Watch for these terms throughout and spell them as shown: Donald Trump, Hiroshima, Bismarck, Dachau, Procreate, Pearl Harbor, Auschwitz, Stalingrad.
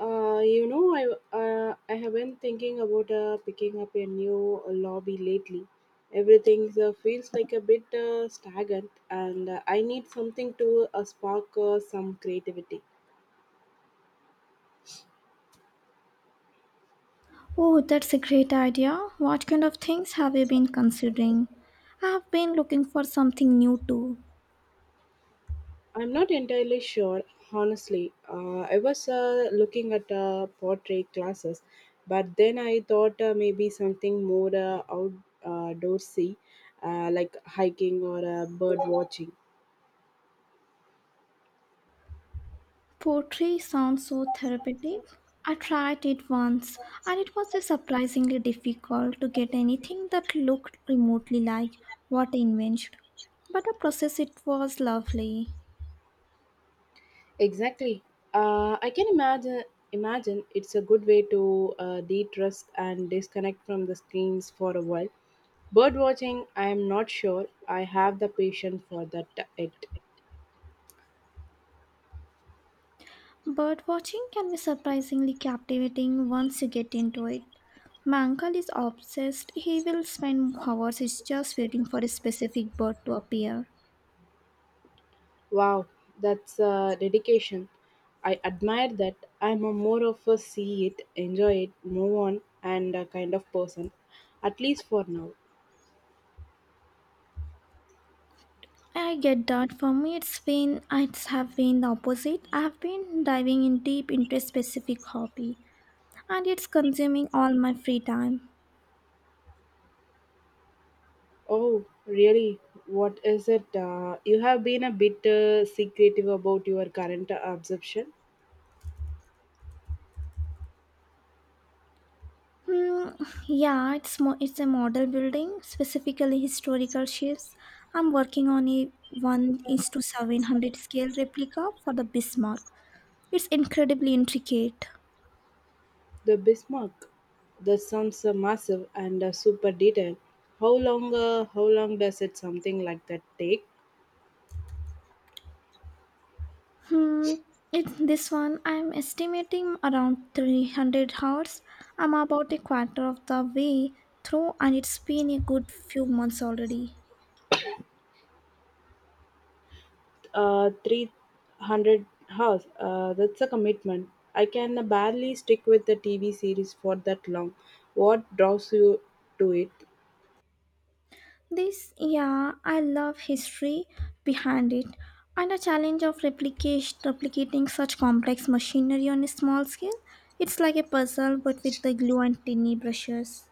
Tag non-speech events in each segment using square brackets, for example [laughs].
I have been thinking about picking up a new lobby lately. Everything feels like a bit stagnant, and I need something to spark some creativity. Oh, that's a great idea. What kind of things have you been considering? I've been looking for something new too. I'm not entirely sure, honestly. I was looking at portrait classes, but then I thought maybe something more outdoorsy, like hiking or bird watching. Poetry sounds so therapeutic. I tried it once and it was surprisingly difficult to get anything that looked remotely like what I imagined. But the process it was lovely. Exactly. I can imagine it's a good way to de-trust and disconnect from the screens for a while. Bird watching, I am not sure I have the patience for that yet. Bird watching can be surprisingly captivating once you get into it. My uncle is obsessed. He will spend hours just waiting for a specific bird to appear. Wow, that's dedication. I admire that. I'm a more of a see it, enjoy it, move on, and a kind of person, at least for now. I get that. For me, it's been I have been the opposite. I have been diving in deep into a specific hobby, and it's consuming all my free time. Oh, really? What is it? You have been a bit secretive about your current absorption. Hmm, yeah, it's a model building, specifically historical shifts. I'm working on a one is to 700 scale replica for the Bismarck. It's incredibly intricate. The Bismarck, that sounds massive and super detailed. How long? How long does it something like that take? Hmm, this one I'm estimating around 300 hours. I'm about a quarter of the way through, and it's been a good few months already. 300 hours. That's a commitment. I can barely stick with the TV series for that long. What draws you to it? Yeah, I love history behind it and the challenge of replicating such complex machinery on a small scale. It's like a puzzle but with the glue and tiny brushes.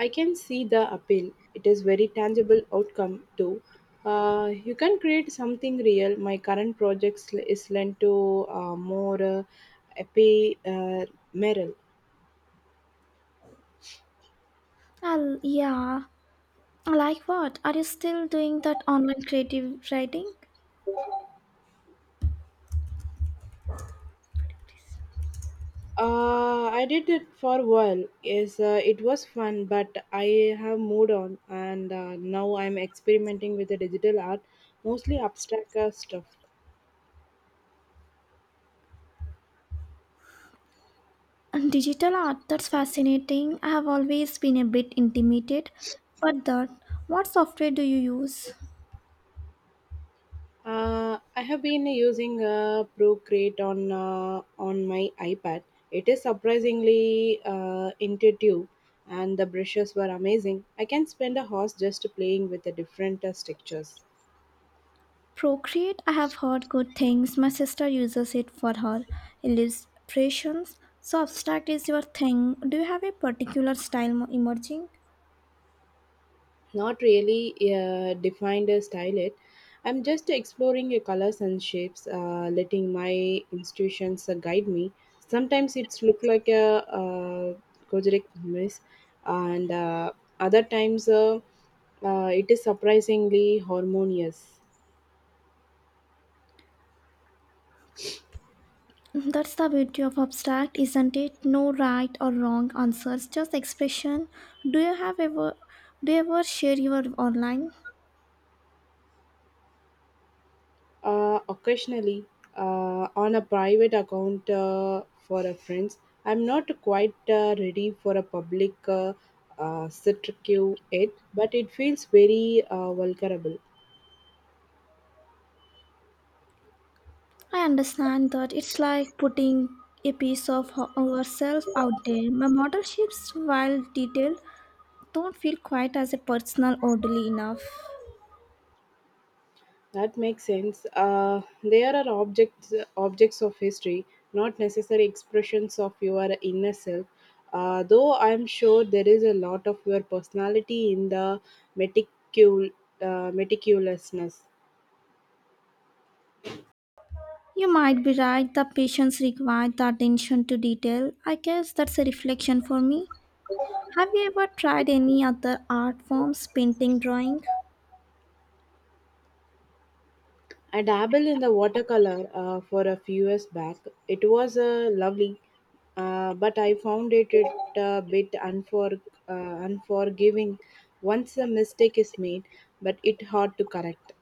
I can see the appeal. It is very tangible outcome too. You can create something real. My current projects is lent to more epi Merrill. Yeah, like what? Are you still doing that online creative writing? I did it for a while. Yes, it was fun, but I have moved on, and now I'm experimenting with the digital art, mostly abstract stuff. And digital art, that's fascinating. I have always been a bit intimidated. But that, what software do you use? I have been using Procreate on my iPad. It is surprisingly intuitive, and the brushes were amazing. I can spend a hours just playing with the different textures. Procreate, I have heard good things. My sister uses it for her illustrations. So, abstract is your thing. Do you have a particular style emerging? Not really defined a style it. I'm just exploring your colors and shapes, letting my institutions guide me. Sometimes it's look like a Kojic mess, and other times it is surprisingly harmonious. [laughs] That's the beauty of abstract, isn't it? No right or wrong answers, just expression. Do you have ever do you ever share your online? Occasionally, on a private account for a friends. I'm not quite ready for a public sit queue yet, but it feels very vulnerable. I understand that it's like putting a piece of ourselves out there. My model shapes, while detailed, don't feel quite as a personal orderly enough. That makes sense. They are objects of history, not necessary expressions of your inner self. Though I'm sure there is a lot of your personality in the meticul- meticulousness. You might be right, the patients require the attention to detail. I guess that's a reflection for me. Have you ever tried any other art forms, painting, drawing? I dabbled in the watercolor for a few years back. It was lovely, but I found it a bit uh, unforgiving once a mistake is made, but it hard to correct.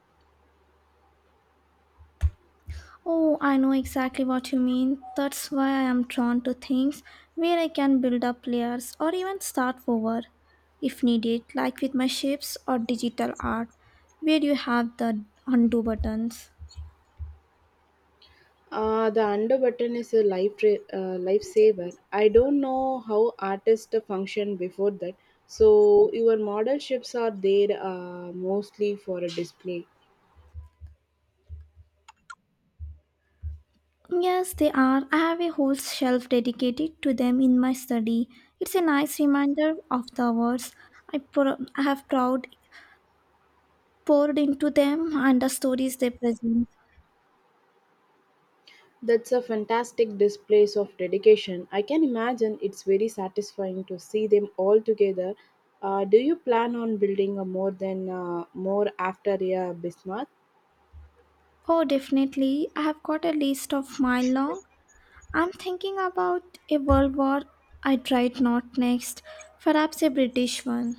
Oh, I know exactly what you mean. That's why I am drawn to things where I can build up layers or even start over if needed, like with my shapes or digital art, where you have the undo buttons. The under button is a lifesaver. I don't know how artists function before that. So your model ships are there mostly for a display. Yes, they are. I have a whole shelf dedicated to them in my study. It's a nice reminder of the words I, pour, I have proud poured into them and the stories they present. That's a fantastic display of dedication. I can imagine it's very satisfying to see them all together. Do you plan on building a more than more after a Bismarck? Oh, definitely. I have got a list of mile long. I'm thinking about a world war I'd write not next, perhaps a British one.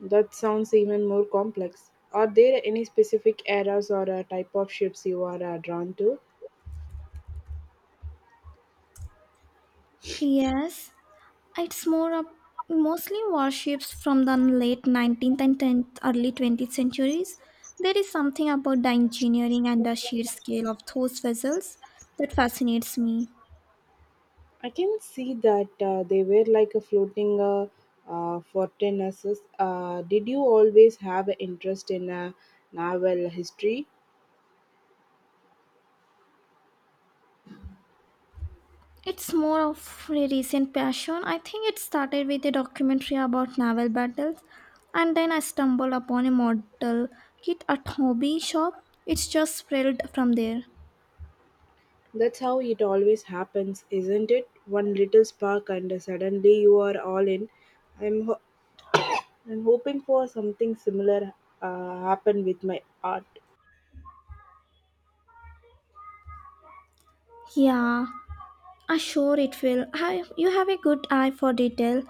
That sounds even more complex. Are there any specific eras or type of ships you are drawn to? Yes. It's more of mostly warships from the late 19th and 10th, early 20th centuries. There is something about the engineering and the sheer scale of those vessels that fascinates me. I can see that they were like a floating fortresses. Did you always have an interest in naval history? It's more of a recent passion. I think it started with a documentary about naval battles, and then I stumbled upon a model kit at hobby shop. It's just spread from there. That's how it always happens, isn't it? One little spark, and suddenly you are all in. I'm, ho- [coughs] I'm hoping for something similar happen with my art. Yeah, ah, sure it will. You have a good eye for detail.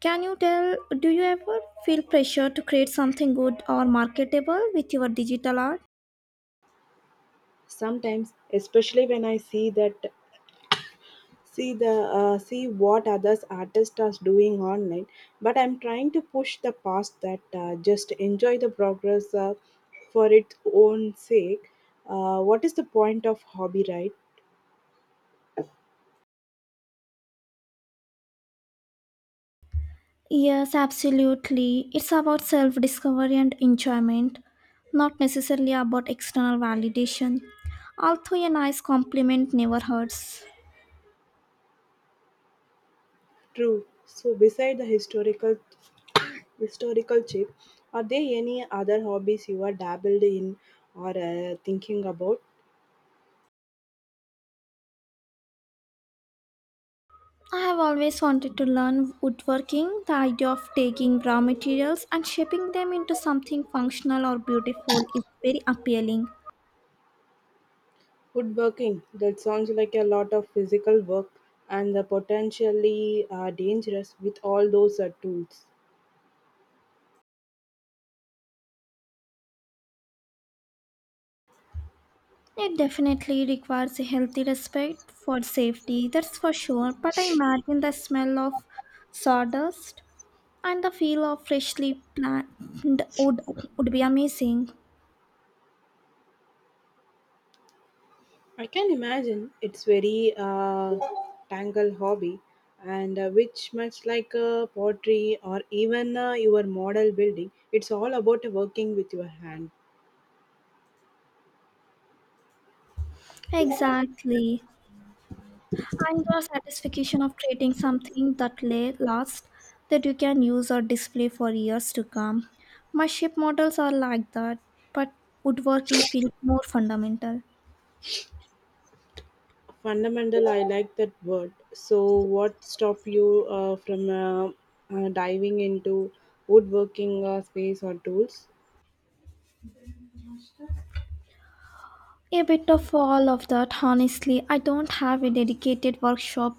Do you ever feel pressure to create something good or marketable with your digital art? Sometimes, especially when I see the see what others artists are doing online, but I'm trying to push the past that just enjoy the progress for its own sake. What is the point of hobby, right? Yes, absolutely. It's about self discovery and enjoyment, not necessarily about external validation. Although a nice compliment never hurts. True. So beside the historical chip, are there any other hobbies you are dabbled in or thinking about? I have always wanted to learn woodworking, the idea of taking raw materials and shaping them into something functional or beautiful is very appealing. Woodworking. That sounds like a lot of physical work and the potentially dangerous with all those tools. It definitely requires a healthy respect for safety, that's for sure. But I imagine the smell of sawdust and the feel of freshly planted wood would be amazing. I can imagine it's very tangle hobby, and which much like pottery or even your model building, it's all about working with your hand. Exactly. And the satisfaction of creating something that lasts that you can use or display for years to come. My ship models are like that, but woodworking feels more fundamental. Fundamental, I like that word. So, what stopped you from diving into woodworking space or tools? A bit of all of that, honestly. I don't have a dedicated workshop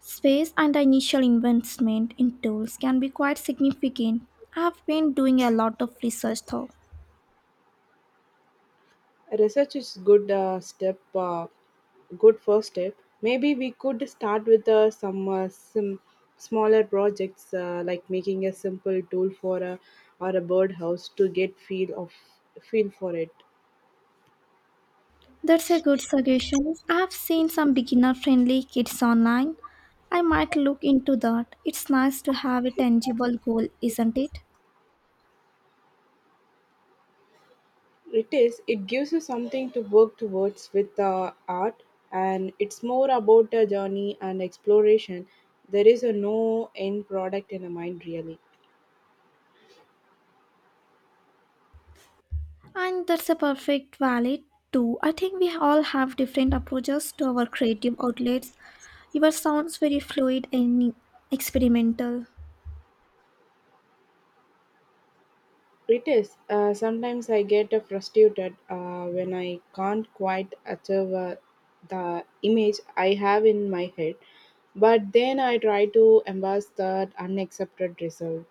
space and the initial investment in tools can be quite significant. I've been doing a lot of research though. Research is good step, good first step. Maybe we could start with some smaller projects like making a simple tool for a or a birdhouse to get feel for it. That's a good suggestion. I've seen some beginner friendly kits online. I might look into that. It's nice to have a tangible goal, isn't it? It is. It gives you something to work towards with the art, and it's more about a journey and exploration. There is a no end product in the mind, really. And that's a perfect valid too. I think we all have different approaches to our creative outlets. Yours sounds very fluid and experimental. It is. Sometimes I get frustrated when I can't quite achieve the image I have in my head, but then I try to embrace that unaccepted result.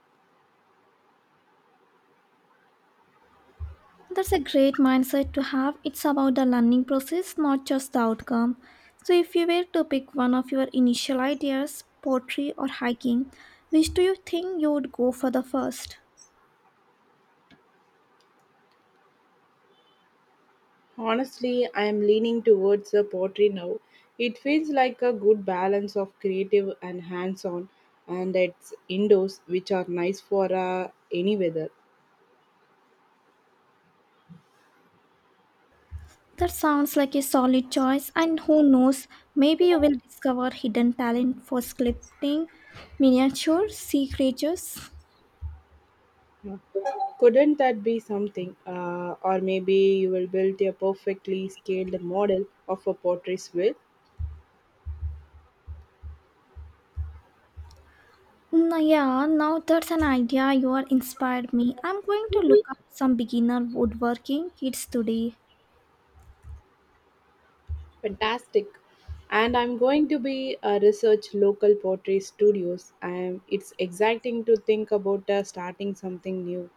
That's a great mindset to have. It's about the learning process, not just the outcome. So, if you were to pick one of your initial ideas, pottery or hiking, which do you think you would go for the first? Honestly, I am leaning towards the pottery now. It feels like a good balance of creative and hands on, and it's indoors, which are nice for any weather. That sounds like a solid choice, and who knows, maybe you will discover hidden talent for sculpting miniature sea creatures. Yeah. Couldn't that be something? Or maybe you will build a perfectly scaled model of a pottery wheel. Yeah, now that's an idea you are inspired me. I'm going to look up some beginner woodworking kits today. Fantastic. And I'm going to be research local pottery studios. And it's exciting to think about starting something new.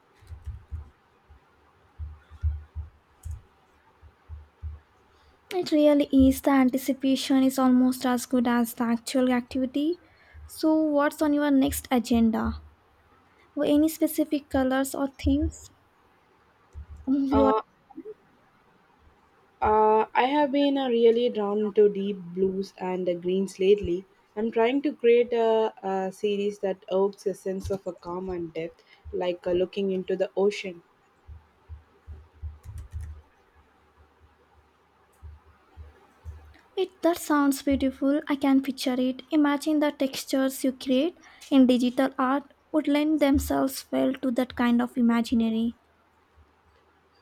It really is. The anticipation is almost as good as the actual activity. So, what's on your next agenda? Any specific colors or themes? [laughs] Mm, You are, Uh, I have been really drawn to deep blues and the greens lately. I'm trying to create a series that evokes a sense of a calm and depth, like looking into the ocean. it that sounds beautiful. I can picture it. Imagine the textures you create in digital art would lend themselves well to that kind of imaginary.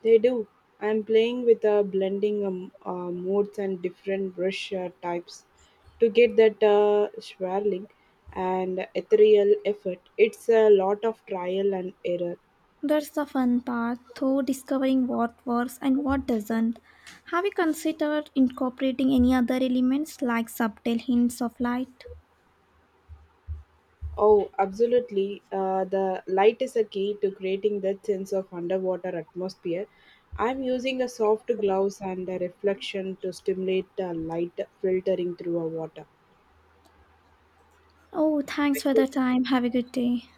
They do. I'm playing with a blending modes and different brush types to get that swirling and ethereal effect. It's a lot of trial and error. That's the fun part, though discovering what works and what doesn't. Have you considered incorporating any other elements like subtle hints of light? Oh, absolutely. The light is a key to creating that sense of underwater atmosphere. I'm using a soft gloves and a reflection to stimulate light filtering through a water. Oh, thanks for the time. Have a good day.